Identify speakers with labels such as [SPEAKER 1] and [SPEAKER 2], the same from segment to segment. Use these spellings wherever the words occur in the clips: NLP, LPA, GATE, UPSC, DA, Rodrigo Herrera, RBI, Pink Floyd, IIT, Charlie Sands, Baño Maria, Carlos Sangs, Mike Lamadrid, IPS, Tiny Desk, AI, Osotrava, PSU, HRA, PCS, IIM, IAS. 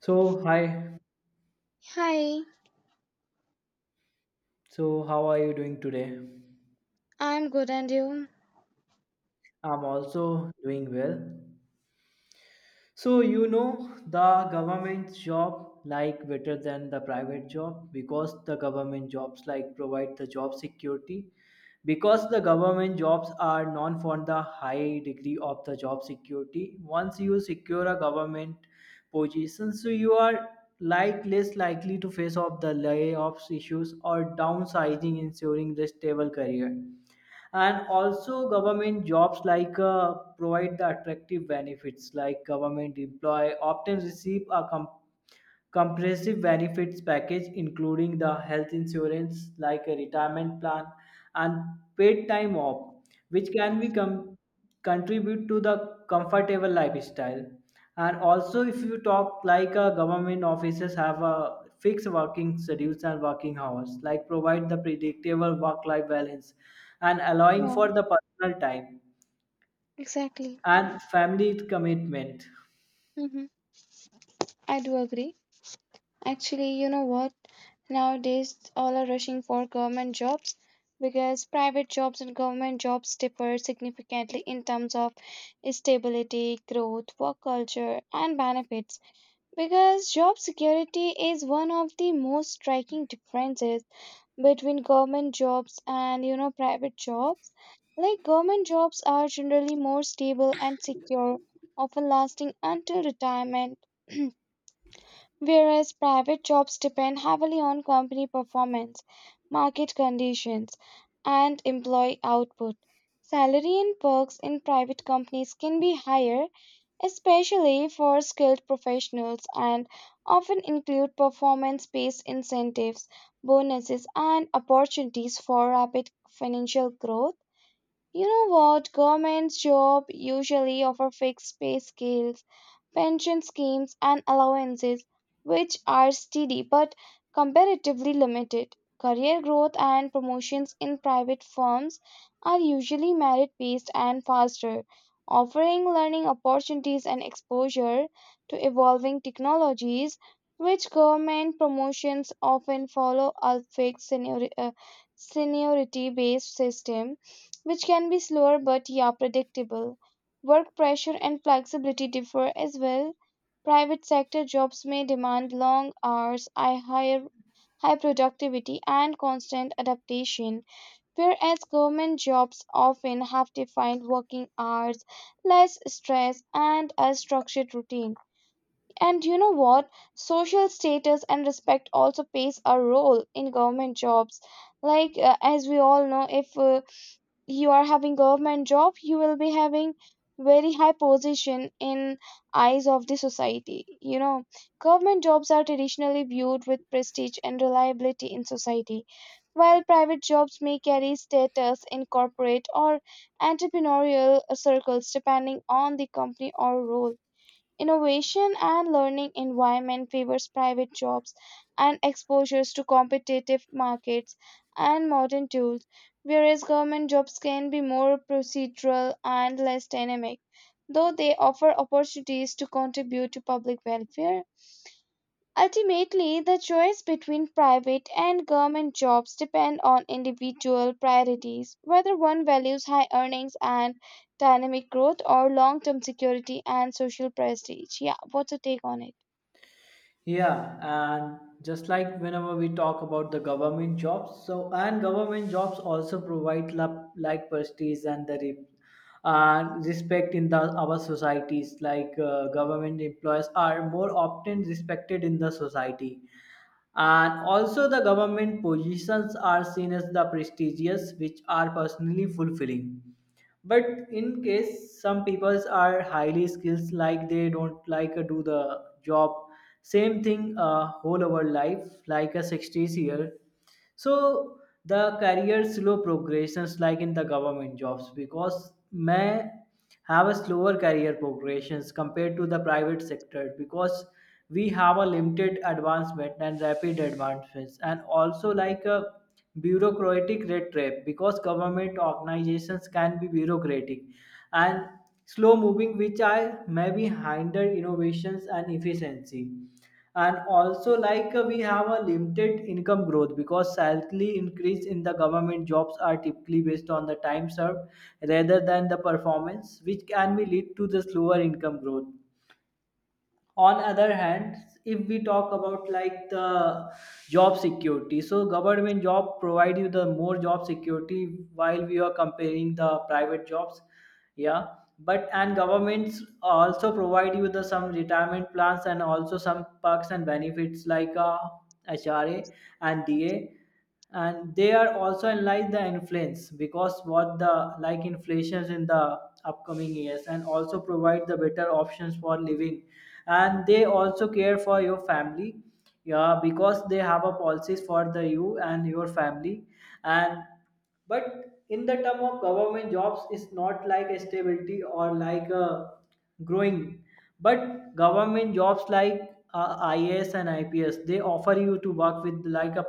[SPEAKER 1] So, hi.
[SPEAKER 2] Hi,
[SPEAKER 1] So, how are you doing today?
[SPEAKER 2] I'm good, and you?
[SPEAKER 1] I'm also doing well. So, the government job like better than the private job because the government jobs like provide the job security because the government jobs are known for the high degree of the job security. Once you secure a government position, so you are like less likely to face off the layoffs issues or downsizing ensuring the stable career. And also government jobs like provide the attractive benefits like government employee often receive a comprehensive benefits package including the health insurance like a retirement plan and paid time off which can be contribute to the comfortable lifestyle. And also if you talk like a government offices have a fixed working schedules and working hours like provide the predictable work life balance and allowing
[SPEAKER 2] Yeah,
[SPEAKER 1] for the personal time
[SPEAKER 2] exactly.
[SPEAKER 1] and family commitment.
[SPEAKER 2] Mm-hmm. I do agree. Actually, you know what? Nowadays, all are rushing for government jobs because private jobs and government jobs differ significantly in terms of stability, growth, work culture, and benefits. Because job security is one of the most striking differences between government jobs and private jobs. Like government jobs are generally more stable and secure, often lasting until retirement. Whereas private jobs depend heavily on company performance, market conditions, and employee output. Salary and perks in private companies can be higher, especially for skilled professionals, and often include performance based incentives, bonuses, and opportunities for rapid financial growth. You know what? Government jobs usually offer fixed pay scales, pension schemes, and allowances, which are steady but comparatively limited. Career growth and promotions in private firms are usually merit based and faster, offering learning opportunities and exposure to evolving technologies, which government promotions often follow a fixed seniority based system, which can be slower but, yeah, predictable. Work pressure and flexibility differ as well. Private sector jobs may demand long hours, high productivity, and constant adaptation, whereas government jobs often have defined working hours, less stress, and a structured routine. And you know what? Social status and respect also plays a role in government jobs. Like, as we all know, if you are having government job, you will be having very high position in eyes of the society. You know, government jobs are traditionally viewed with prestige and reliability in society, while private jobs may carry status in corporate or entrepreneurial circles depending on the company or role. Innovation and learning environment favors private jobs and exposures to competitive markets and modern tools, whereas government jobs can be more procedural and less dynamic, though they offer opportunities to contribute to public welfare. Ultimately, the choice between private and government jobs depend on individual priorities, whether one values high earnings and dynamic growth or long-term security and social prestige. Yeah, what's your take on it?
[SPEAKER 1] Yeah, and just like whenever we talk about the government jobs, so and government jobs also provide like prestige and and respect in the our societies. Like government employees are more often respected in the society, and also the government positions are seen as the prestigious, which are personally fulfilling, but in case some peoples are highly skilled like they don't like do the job same thing whole our life like a 60s year. So the career slow progressions like in the government jobs because may have a slower career progressions compared to the private sector because we have a limited advancement and rapid advancements. And also like a bureaucratic red tape because government organizations can be bureaucratic and slow moving which are maybe hinder innovations and efficiency. And also like we have a limited income growth because salary increase in the government jobs are typically based on the time served rather than the performance which can be lead to the slower income growth. On other hand, if we talk about like the job security, so government job provide you the more job security while we are comparing the private jobs, yeah. But and governments also provide you the some retirement plans and also some perks and benefits like HRA and DA, and they are also analyze the influence because what the like inflations in the upcoming years and also provide the better options for living. And they also care for your family, yeah, because they have a policies for the you and your family. And but in the term of government jobs it's not like a stability or like a growing, but government jobs like IAS and IPS they offer you to work with like a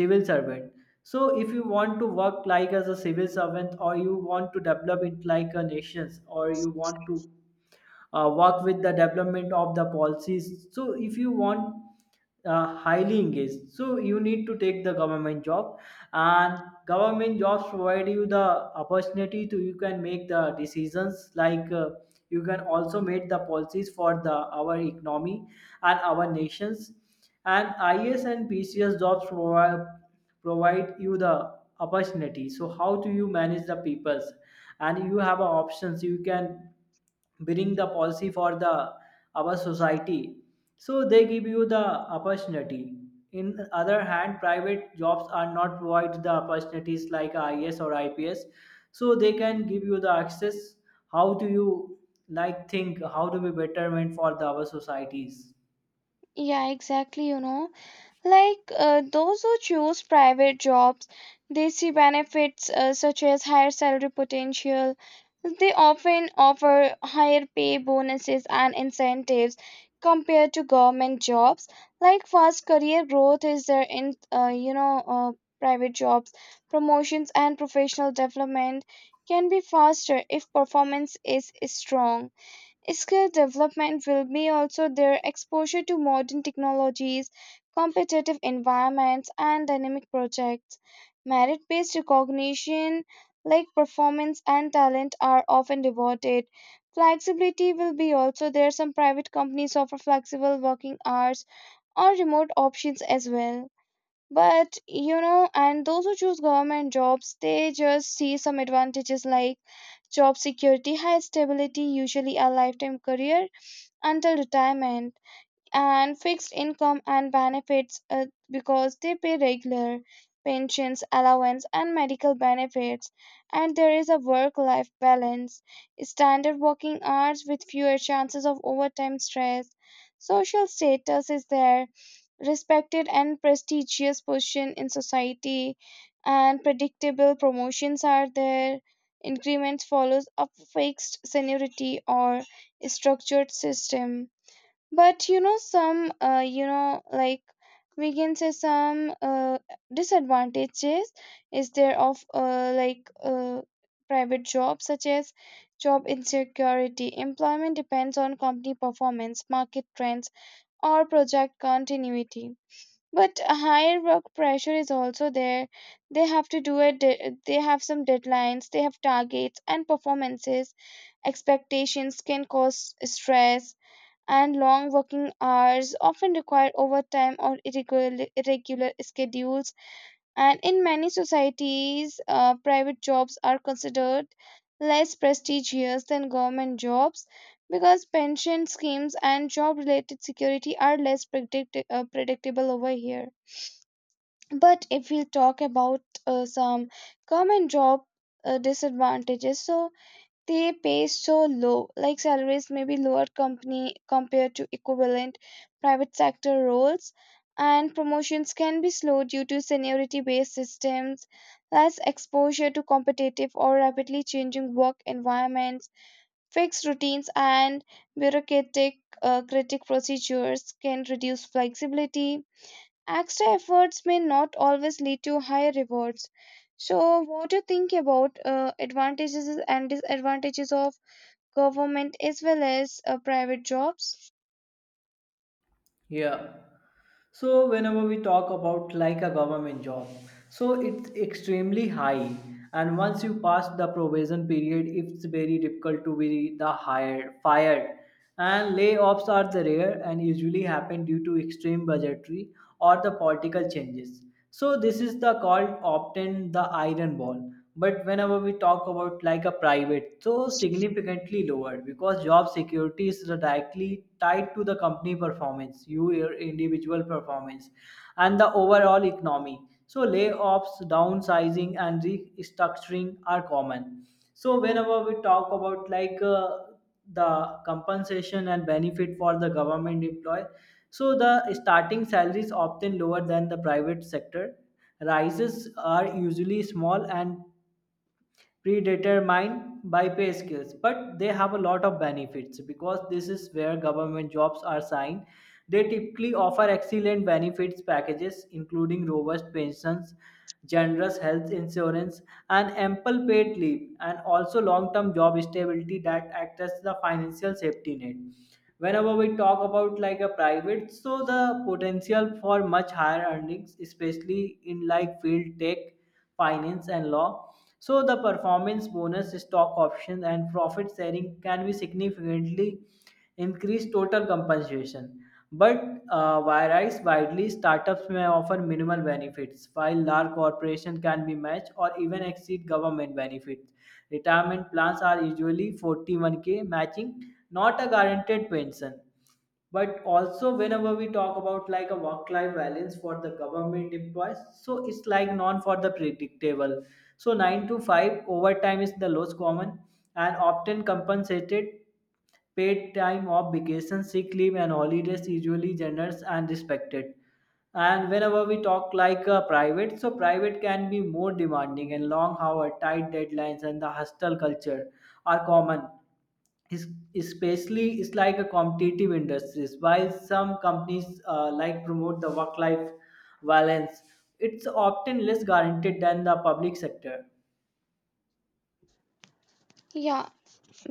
[SPEAKER 1] civil servant. So if you want to work like as a civil servant or you want to develop it like a nations or you want to work with the development of the policies, so if you want highly engaged, so you need to take the government job. And government jobs provide you the opportunity to you can make the decisions like you can also make the policies for the our economy and our nations. And is and PCS jobs provide you the opportunity so how do you manage the peoples, and you have a options you can bring the policy for the our society. So they give you the opportunity. In other hand, private jobs are not provide the opportunities like is or IPS, so they can give you the access how do you like think how to be betterment for the our societies.
[SPEAKER 2] Yeah, exactly, you know. Like those who choose private jobs, they see benefits such as higher salary potential. They often offer higher pay bonuses and incentives compared to government jobs. Like fast career growth is there in private jobs. Promotions and professional development can be faster if performance is strong. Skill development will be also their exposure to modern technologies, competitive environments, and dynamic projects. Merit based recognition, like performance and talent, are often rewarded. Flexibility will be also there. Some private companies offer flexible working hours or remote options as well. But you know, and those who choose government jobs, they just see some advantages like job security, high stability, usually a lifetime career until retirement, and fixed income and benefits, because they pay regular pensions, allowance, and medical benefits. And there is a work life balance, standard working hours with fewer chances of overtime stress. Social status is there, respected and prestigious position in society, and predictable promotions are there. Increments follows a fixed seniority or structured system, but you know, some you know like we can say some disadvantages is there of private jobs, such as job insecurity, employment depends on company performance, market trends, or project continuity. But a higher work pressure is also there, they have to do it, they have some deadlines, they have targets and performances expectations can cause stress, and long working hours often require overtime or irregular schedules. And in many societies, private jobs are considered less prestigious than government jobs because pension schemes and job related security are less predictable over here. But if we talk about some common job disadvantages, so they pay so low, like salaries may be lower company compared to equivalent private sector roles, and promotions can be slow due to seniority based systems, less exposure to competitive or rapidly changing work environments, fixed routines, and bureaucratic critic procedures can reduce flexibility. Extra efforts may not always lead to higher rewards. So, what do you think about advantages and disadvantages of government as well as private jobs?
[SPEAKER 1] Yeah. So whenever we talk about like a government job, so it's extremely high, and once you pass the probation period, it's very difficult to be the hired fired. And layoffs are the rare and usually happen due to extreme budgetary or the political changes. So this is the called often the iron ball. But whenever we talk about like a private, so significantly lower because job security is directly tied to the company performance, you, your individual performance and the overall economy. So layoffs, downsizing and restructuring are common. So whenever we talk about like the compensation and benefit for the government employee, so the starting salary is often lower than the private sector. Rises are usually small and predetermined by pay scales, but they have a lot of benefits because this is where government jobs are signed. They typically offer excellent benefits packages including robust pensions, generous health insurance, and ample paid leave, and also long-term job stability that acts as the financial safety net. Whenever we talk about like a private, so the potential for much higher earnings especially in like field tech, finance, and law. So, the performance bonus, stock options, and profit sharing can be significantly increase total compensation. But whereas widely, startups may offer minimal benefits, while large corporations can be matched or even exceed government benefits. Retirement plans are usually 41k matching, not a guaranteed pension. But also whenever we talk about like a work life balance for the government employees, so it's like non for the predictable, so 9 to 5 overtime is the lowest common and often compensated. Paid time off, vacation, sick leave and holidays usually generous and respected. And whenever we talk like a private, so private can be more demanding and long hour, tight deadlines and the hostile culture are common, is, especially it's like a competitive industries. While some companies like promote the work life balance, it's often less guaranteed than the public sector.
[SPEAKER 2] Yeah,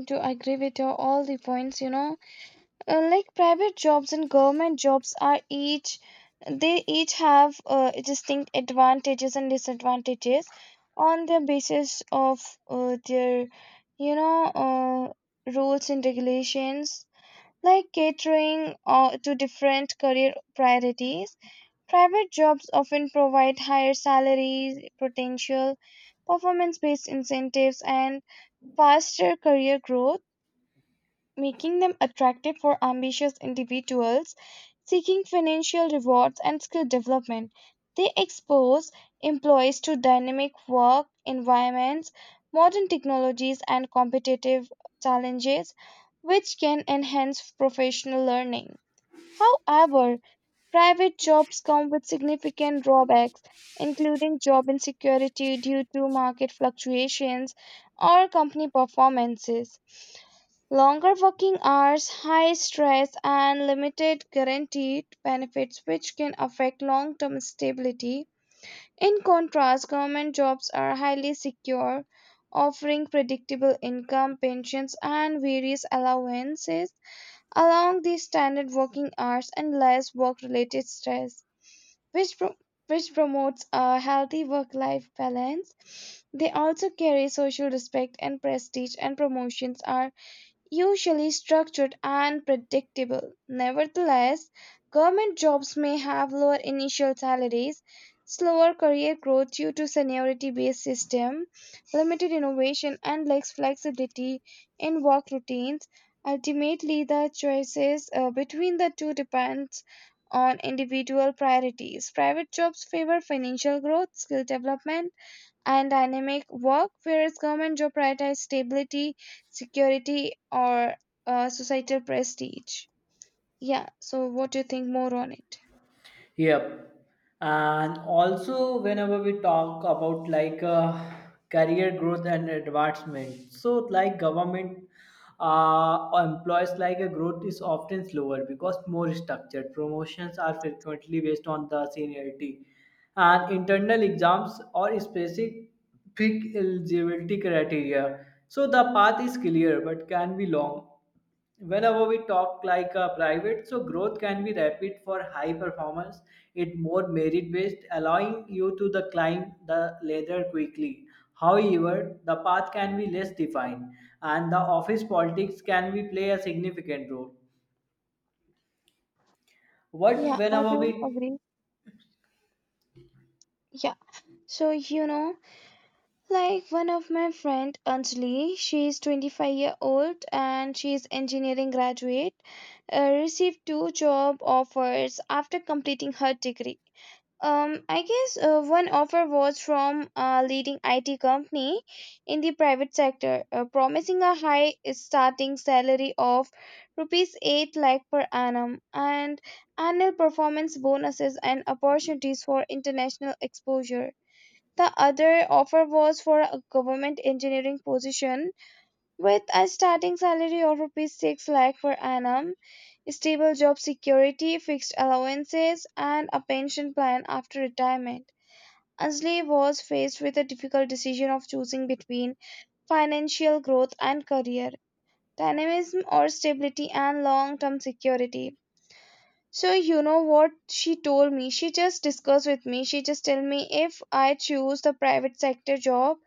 [SPEAKER 2] to agree with your all the points, you know, like private jobs and government jobs are each, they each have distinct advantages and disadvantages on the basis of their you know rules and regulations, like catering to different career priorities. Private jobs often provide higher salaries, potential, performance based incentives, and faster career growth, making them attractive for ambitious individuals seeking financial rewards and skill development. They expose employees to dynamic work environments, modern technologies, and competitive challenges, which can enhance professional learning. However, private jobs come with significant drawbacks, including job insecurity due to market fluctuations or company performances. Longer working hours, high stress, and limited guaranteed benefits, which can affect long term stability. In contrast, government jobs are highly secure, offering predictable income, pensions, and various allowances along the standard working hours and less work related stress, which, pro- which promotes a healthy work life balance. They also carry social respect and prestige, and promotions are usually structured and predictable. Nevertheless, government jobs may have lower initial salaries, slower career growth due to seniority-based system, limited innovation, and less flexibility in work routines. Ultimately, the choices between the two depends on individual priorities. Private jobs favor financial growth, skill development, and dynamic work, whereas government job prioritize stability, security, or societal prestige. Yeah, so what do you think more on it?
[SPEAKER 1] Yep. And also, whenever we talk about like career growth and advancement, so like government employs like a growth is often slower because more structured. Promotions are frequently based on the seniority, and internal exams or specific eligibility criteria. So the path is clear but can be long. Whenever we talk like a private, so growth can be rapid for high performance, it more merit based allowing you to the climb the ladder quickly. However the path can be less defined and the office politics can be play a significant role. What
[SPEAKER 2] Yeah, I
[SPEAKER 1] whenever
[SPEAKER 2] do
[SPEAKER 1] we,
[SPEAKER 2] agree. Yeah. So you know, like one of my friend Anjali, she is 25-year-old and she is engineering graduate, received two job offers after completing her degree. I guess one offer was from a leading IT company in the private sector, promising a high starting salary of rupees 8 lakh per annum and annual performance bonuses and opportunities for international exposure. The other offer was for a government engineering position with a starting salary of rupees 6 lakh per annum, stable job security, fixed allowances, and a pension plan after retirement. Ansley was faced with a difficult decision of choosing between financial growth and career, dynamism or stability and long term security. So, you know what she told me? She just discussed with me. She just told me if I choose the private sector job,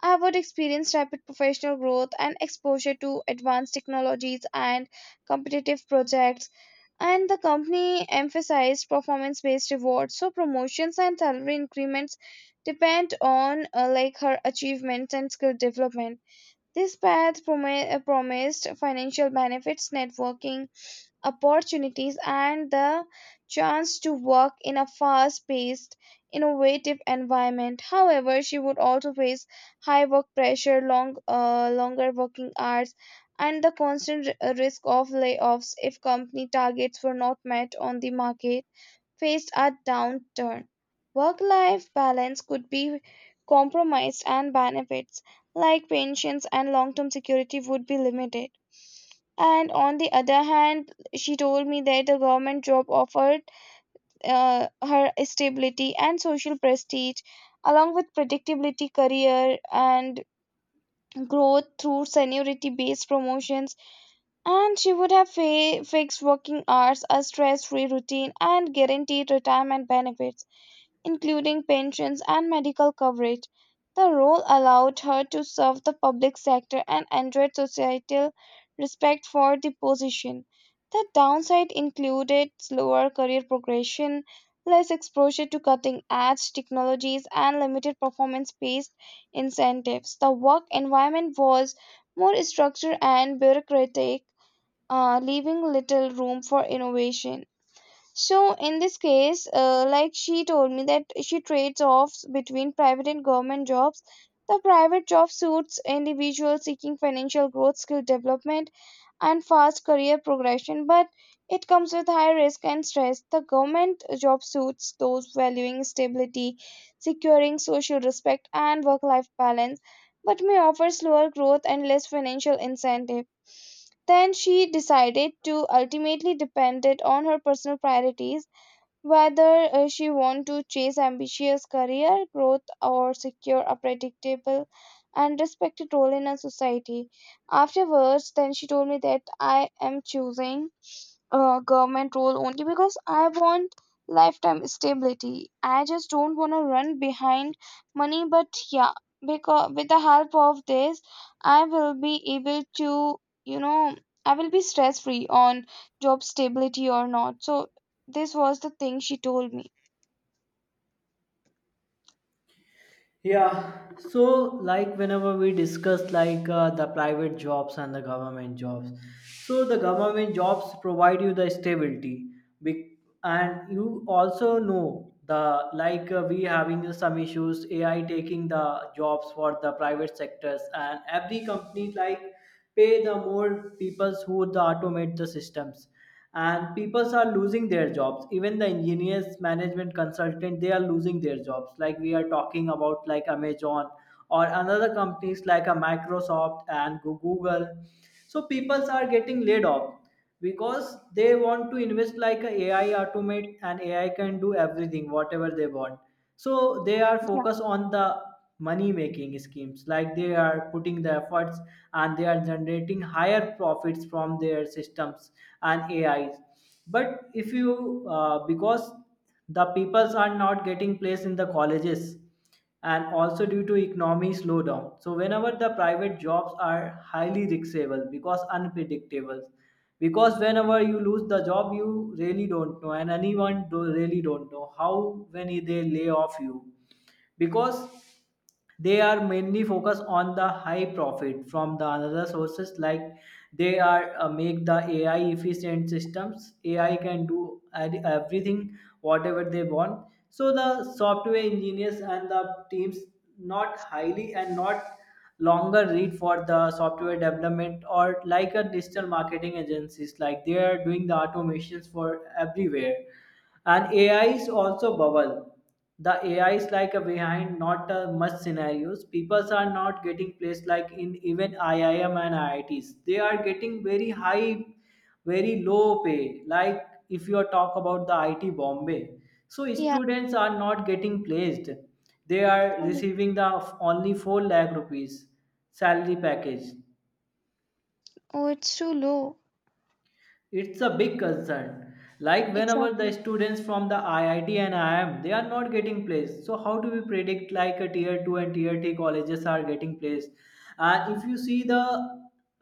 [SPEAKER 2] I would experience rapid professional growth and exposure to advanced technologies and competitive projects, and the company emphasized performance based rewards, so promotions and salary increments depend on like her achievements and skill development. This path promised financial benefits, networking opportunities, and the chance to work in a fast paced, innovative environment. However, she would also face high work pressure, longer working hours, and the constant risk of layoffs if company targets were not met on the market faced a downturn. Work life balance could be compromised, and benefits like pensions and long term security would be limited. And on the other hand, she told me that the government job offered her stability and social prestige, along with predictability, career, and growth through seniority based promotions. And she would have fixed working hours, a stress free routine, and guaranteed retirement benefits including pensions and medical coverage. The role allowed her to serve the public sector and enjoyed societal respect for the position. The downside included slower career progression, less exposure to cutting edge technologies, and limited performance based incentives. The work environment was more structured and bureaucratic, leaving little room for innovation. So in this case, like she told me that she trades offs between private and government jobs. The private job suits individuals seeking financial growth, skill development, and fast career progression, but it comes with high risk and stress. The government job suits those valuing stability, securing social respect, and work life balance, but may offer slower growth and less financial incentive. Then she decided to ultimately depend it on her personal priorities, whether she want to chase ambitious career growth or secure a predictable and respected role in a society. Afterwards, then she told me that I am choosing government role only because I want lifetime stability. I just don't want to run behind money, but yeah, because with the help of this, I will be able to, you know, I will be stress free on job stability or not. So, this was the thing she told me.
[SPEAKER 1] yeah, so like whenever we discuss like the private jobs and the government jobs, so the government jobs provide you the stability. Be- and you also know the like we having some issues AI taking the jobs for the private sectors, and every company like pay the more people who the automate the systems, and people are losing their jobs, even the engineers, management consultant, they are losing their jobs. Like we are talking about like Amazon or another companies like a Microsoft and Google, so people are getting laid off because they want to invest like a AI automate and AI can do everything whatever they want. So they are
[SPEAKER 2] Yeah.
[SPEAKER 1] focused on the money making schemes like they are putting the efforts and they are generating higher profits from their systems and AIs. But if you because the peoples are not getting placed in the colleges and also due to economy slowdown. So whenever the private jobs are highly riskable because unpredictable, because whenever you lose the job, you really don't know, and anyone do, really don't know how when they lay off you, because they are mainly focused on the high profit from the another sources. Like they are make the AI efficient systems, AI can do everything whatever they want. So the software engineers and the teams not highly and not longer read for the software development or like a digital marketing agencies, like they are doing the automations for everywhere. And AI is also bubble, the AI is like a behind, not a much scenarios people are not getting placed like in even IIM and IITs, they are getting very high, very low pay. Like if you are talk about the IT Bombay, so
[SPEAKER 2] Yeah.
[SPEAKER 1] students are not getting placed, they are
[SPEAKER 2] Oh,
[SPEAKER 1] receiving the only 4 lakh rupees salary package.
[SPEAKER 2] oh it's too low.
[SPEAKER 1] It's a big concern. Like whenever the
[SPEAKER 2] Exactly.
[SPEAKER 1] students from the IIT and IIM, they are not getting placed. So how do we predict like a tier two and tier three colleges are getting placed? And if you see the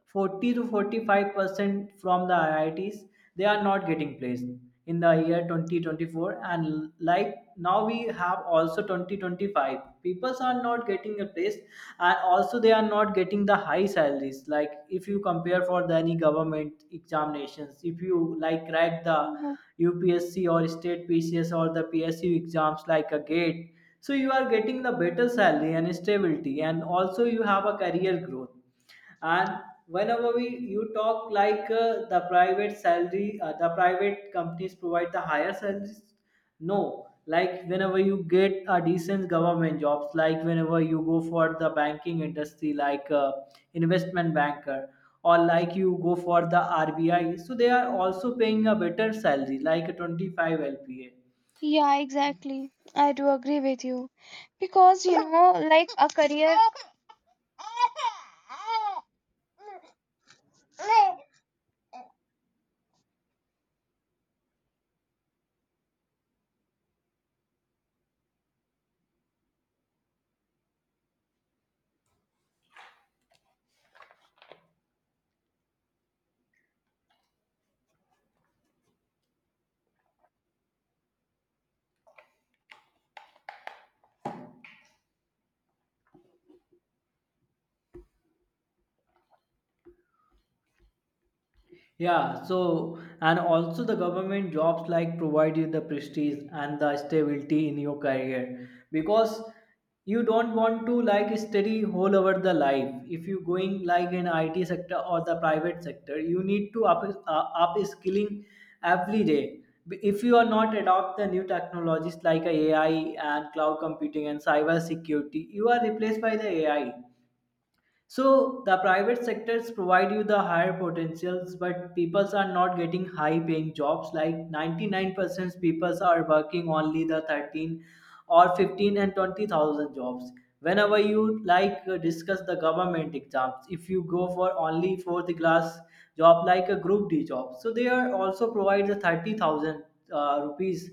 [SPEAKER 1] 40 to 45% from the IITs, they are not getting placed in the year 2024, and like now we have also 2025, people are not getting replaced. And also they are not getting the high salaries, like if you compare for the any government examinations, if you like crack the
[SPEAKER 2] Mhm.
[SPEAKER 1] UPSC or state PCS or the PSU exams like a GATE, so you are getting the better salary and stability, and also you have a career growth. And whenever we you talk like the private salary, the private companies provide the higher salaries. No, like whenever you get a decent government jobs, like whenever you go for the banking industry, like investment banker, or like you go for the RBI, so they are also paying a better salary like a 25 LPA.
[SPEAKER 2] Yeah, exactly. I do agree with you. Because, you know, like a career.
[SPEAKER 1] Yeah, so and also the government jobs like provide you the prestige and the stability in your career, because you don't want to like study whole over the life. If you going like in IT sector or the private sector, you need to up skilling every day. If you are not adopt the new technologies like a AI and cloud computing and cyber security, you are replaced by the AI. So the private sectors provide you the higher potentials, but people are not getting high paying jobs. Like 99% people are working only the 13 or 15 and 20,000 jobs. Whenever you like discuss the government exams, if you go for only fourth class job like a group D job, so they are also provide the 30,000 rupees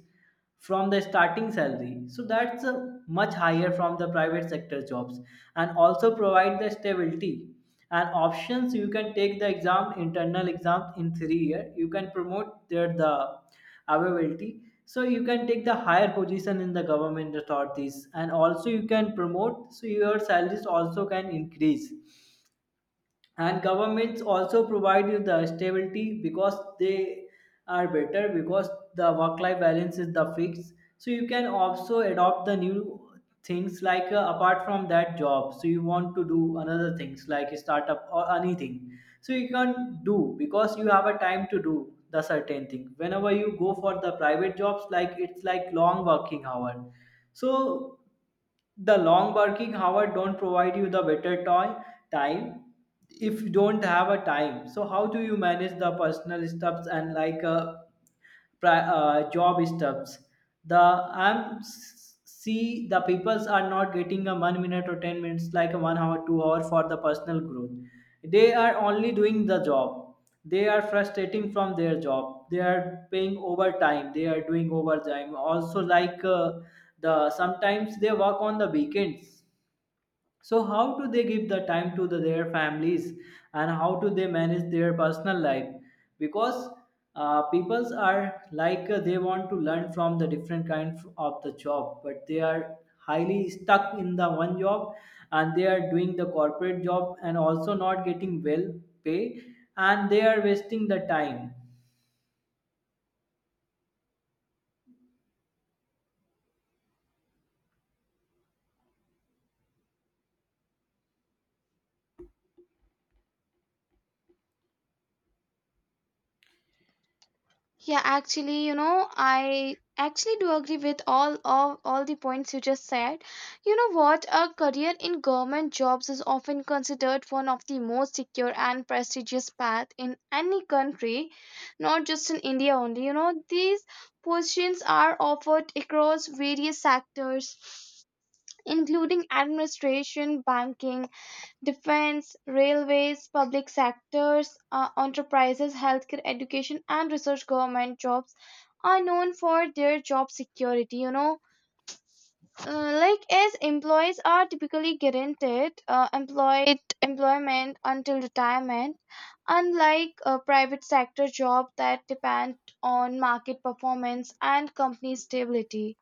[SPEAKER 1] from the starting salary. So that's much higher from the private sector jobs, and also provide the stability and options. You can take the exam, internal exams, in 3 year you can promote their the availability. So you can take the higher position in the government authorities, and also you can promote so your salaries also can increase. And governments also provide you the stability because they are better, because the work life balance is the fix. So you can also adopt the new things like apart from that job, so you want to do another things like startup or anything, so you can do because you have a time to do the certain thing. Whenever you go for the private jobs, like it's like long working hour, so the long working hour don't provide you the better toy time. If you don't have a time, so how do you manage the personal stuffs and like job stuffs. The See, the peoples are not getting a 1 minute or 10 minutes, like a 1 hour, 2 hour for the personal growth. They are only doing the job. They are frustrating from their job. They are paying overtime. They are doing overtime. Also, like the sometimes they work on the weekends, so how do they give the time to their families, and how do they manage their personal life? Because peoples are like they want to learn from the different kind of the job, but they are highly stuck in the one job, and they are doing the corporate job and also not getting well pay, and they are wasting the time.
[SPEAKER 2] Yeah, actually, you know, I actually do agree with all of all the points you just said. You know what? A career in government jobs is often considered one of the most secure and prestigious path in any country, not just in India only. You know, these positions are offered across various sectors, including administration, banking, defense, railways, public sectors, enterprises, healthcare, education, and research. Government jobs are known for their job security. Like, as employees are typically guaranteed employed employment until retirement, unlike a private sector job that depend on market performance and company stability.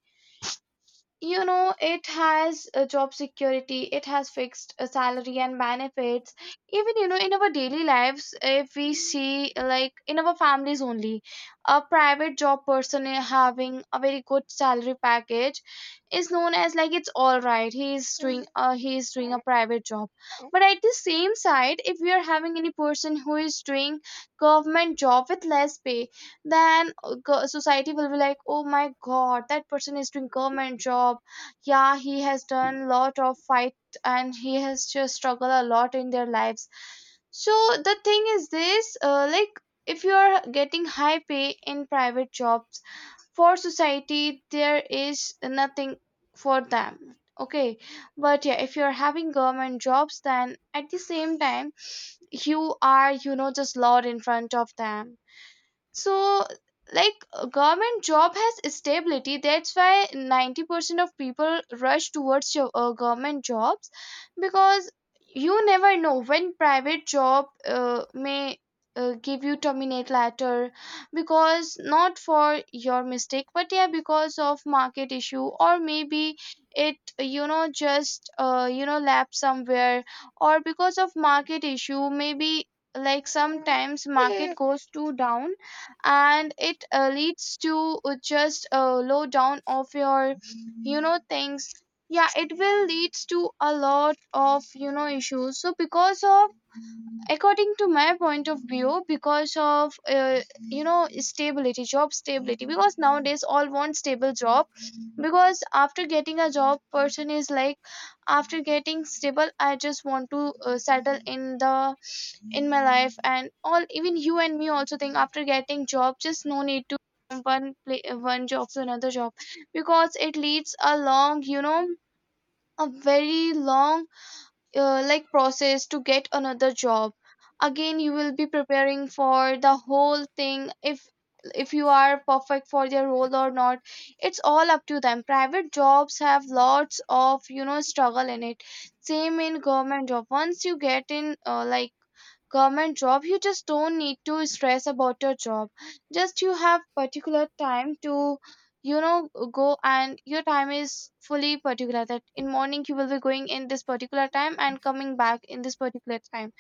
[SPEAKER 2] You know, it has a job security, it has fixed a salary and benefits. Even, you know, in our daily lives, if we see, like, in our families only, a private job person having a very good salary package is known as, like, it's all right, he is doing he is doing a private job. But at the same side, if we are having any person who is doing government job with less pay, then society will be like, oh my god, that person is doing government job. Yeah, he has done lot of fight and he has just struggled a lot in their lives. So the thing is this, like, if you are getting high pay in private jobs, for society there is nothing for them. Okay. But yeah, if you are having government jobs, then at the same time you are, you know, just loud in front of them. So, like, a government job has stability. That's why 90% of people rush towards your government jobs, because you never know when private job may give you terminate letter, because not for your mistake, but yeah, because of market issue, or maybe it, you know, just you know, lapse somewhere, or because of market issue, maybe, like, sometimes market goes too down, and it leads to just a low down of your, you know, things. Yeah, it will leads to a lot of, you know, issues. So because of, according to my point of view, because of you know, stability, job stability, because nowadays all want stable job. Because after getting a job, person is like, after getting stable, I just want to settle in the, in my life and all. Even you and me also think, after getting job, just no need to, from one play, one job to another job, because it leads a long, you know, a very long like, process to get another job. Again you will be preparing for the whole thing, if you are perfect for their role or not. It's all up to them. Private jobs have lots of, you know, struggle in it. Same in government job, once you get in, like, government job, you just don't need to stress about your job. Just you have particular time to, you know, go, and your time is fully particular, that in morning you will be going in this particular time and coming back in this particular time.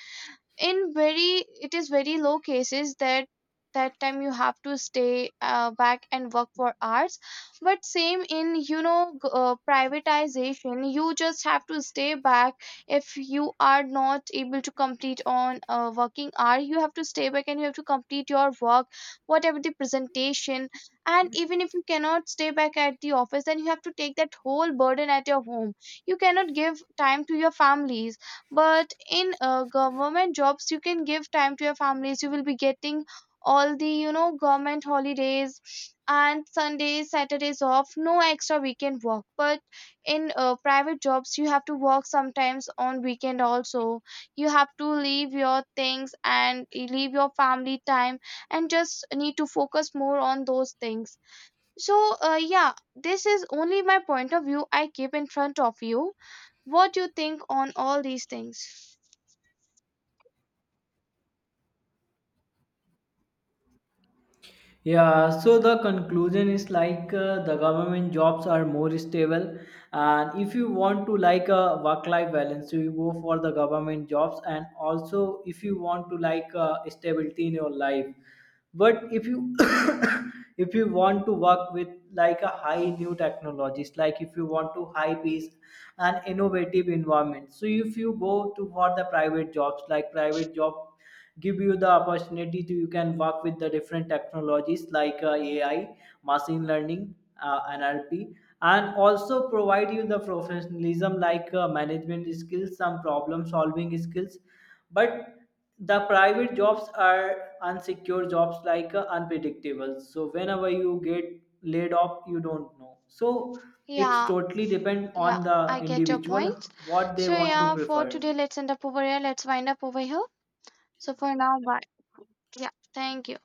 [SPEAKER 2] In very, it is very low cases that, that time you have to stay back and work for hours. But same in, you know, privatization, you just have to stay back. If you are not able to complete on a working hour, you have to stay back and you have to complete your work, whatever the presentation. And even if you cannot stay back at the office, then you have to take that whole burden at your home. You cannot give time to your families. But in government jobs, you can give time to your families. You will be getting all the, you know, government holidays and sundays, saturdays off, no extra weekend work. But in private jobs, you have to work sometimes on weekend also. You have to leave your things and leave your family time, and just need to focus more on those things. So yeah, this is only my point of view I keep in front of you. What do you think on all these things?
[SPEAKER 1] Yeah, so the conclusion is like the government jobs are more stable, and if you want to like a work-life balance, so you go for the government jobs, and also if you want to like stability in your life. But if you if you want to work with like a high new technologies, like if you want to high pace and innovative environment, so if you go to for the private jobs, like private job give you the opportunity to you can work with the different technologies like AI, machine learning, NLP, and also provide you the professionalism, like management skills, some problem solving skills. But the private jobs are unsecure jobs, like unpredictable, so whenever you get laid off you don't know. So it's
[SPEAKER 2] Yeah,
[SPEAKER 1] totally depend
[SPEAKER 2] yeah,
[SPEAKER 1] on the
[SPEAKER 2] I get your
[SPEAKER 1] individual
[SPEAKER 2] points.
[SPEAKER 1] what they
[SPEAKER 2] So
[SPEAKER 1] want to
[SPEAKER 2] yeah, for
[SPEAKER 1] prefer.
[SPEAKER 2] today, let's end up over here. Let's wind up over here. So for now, bye. Yeah, thank you.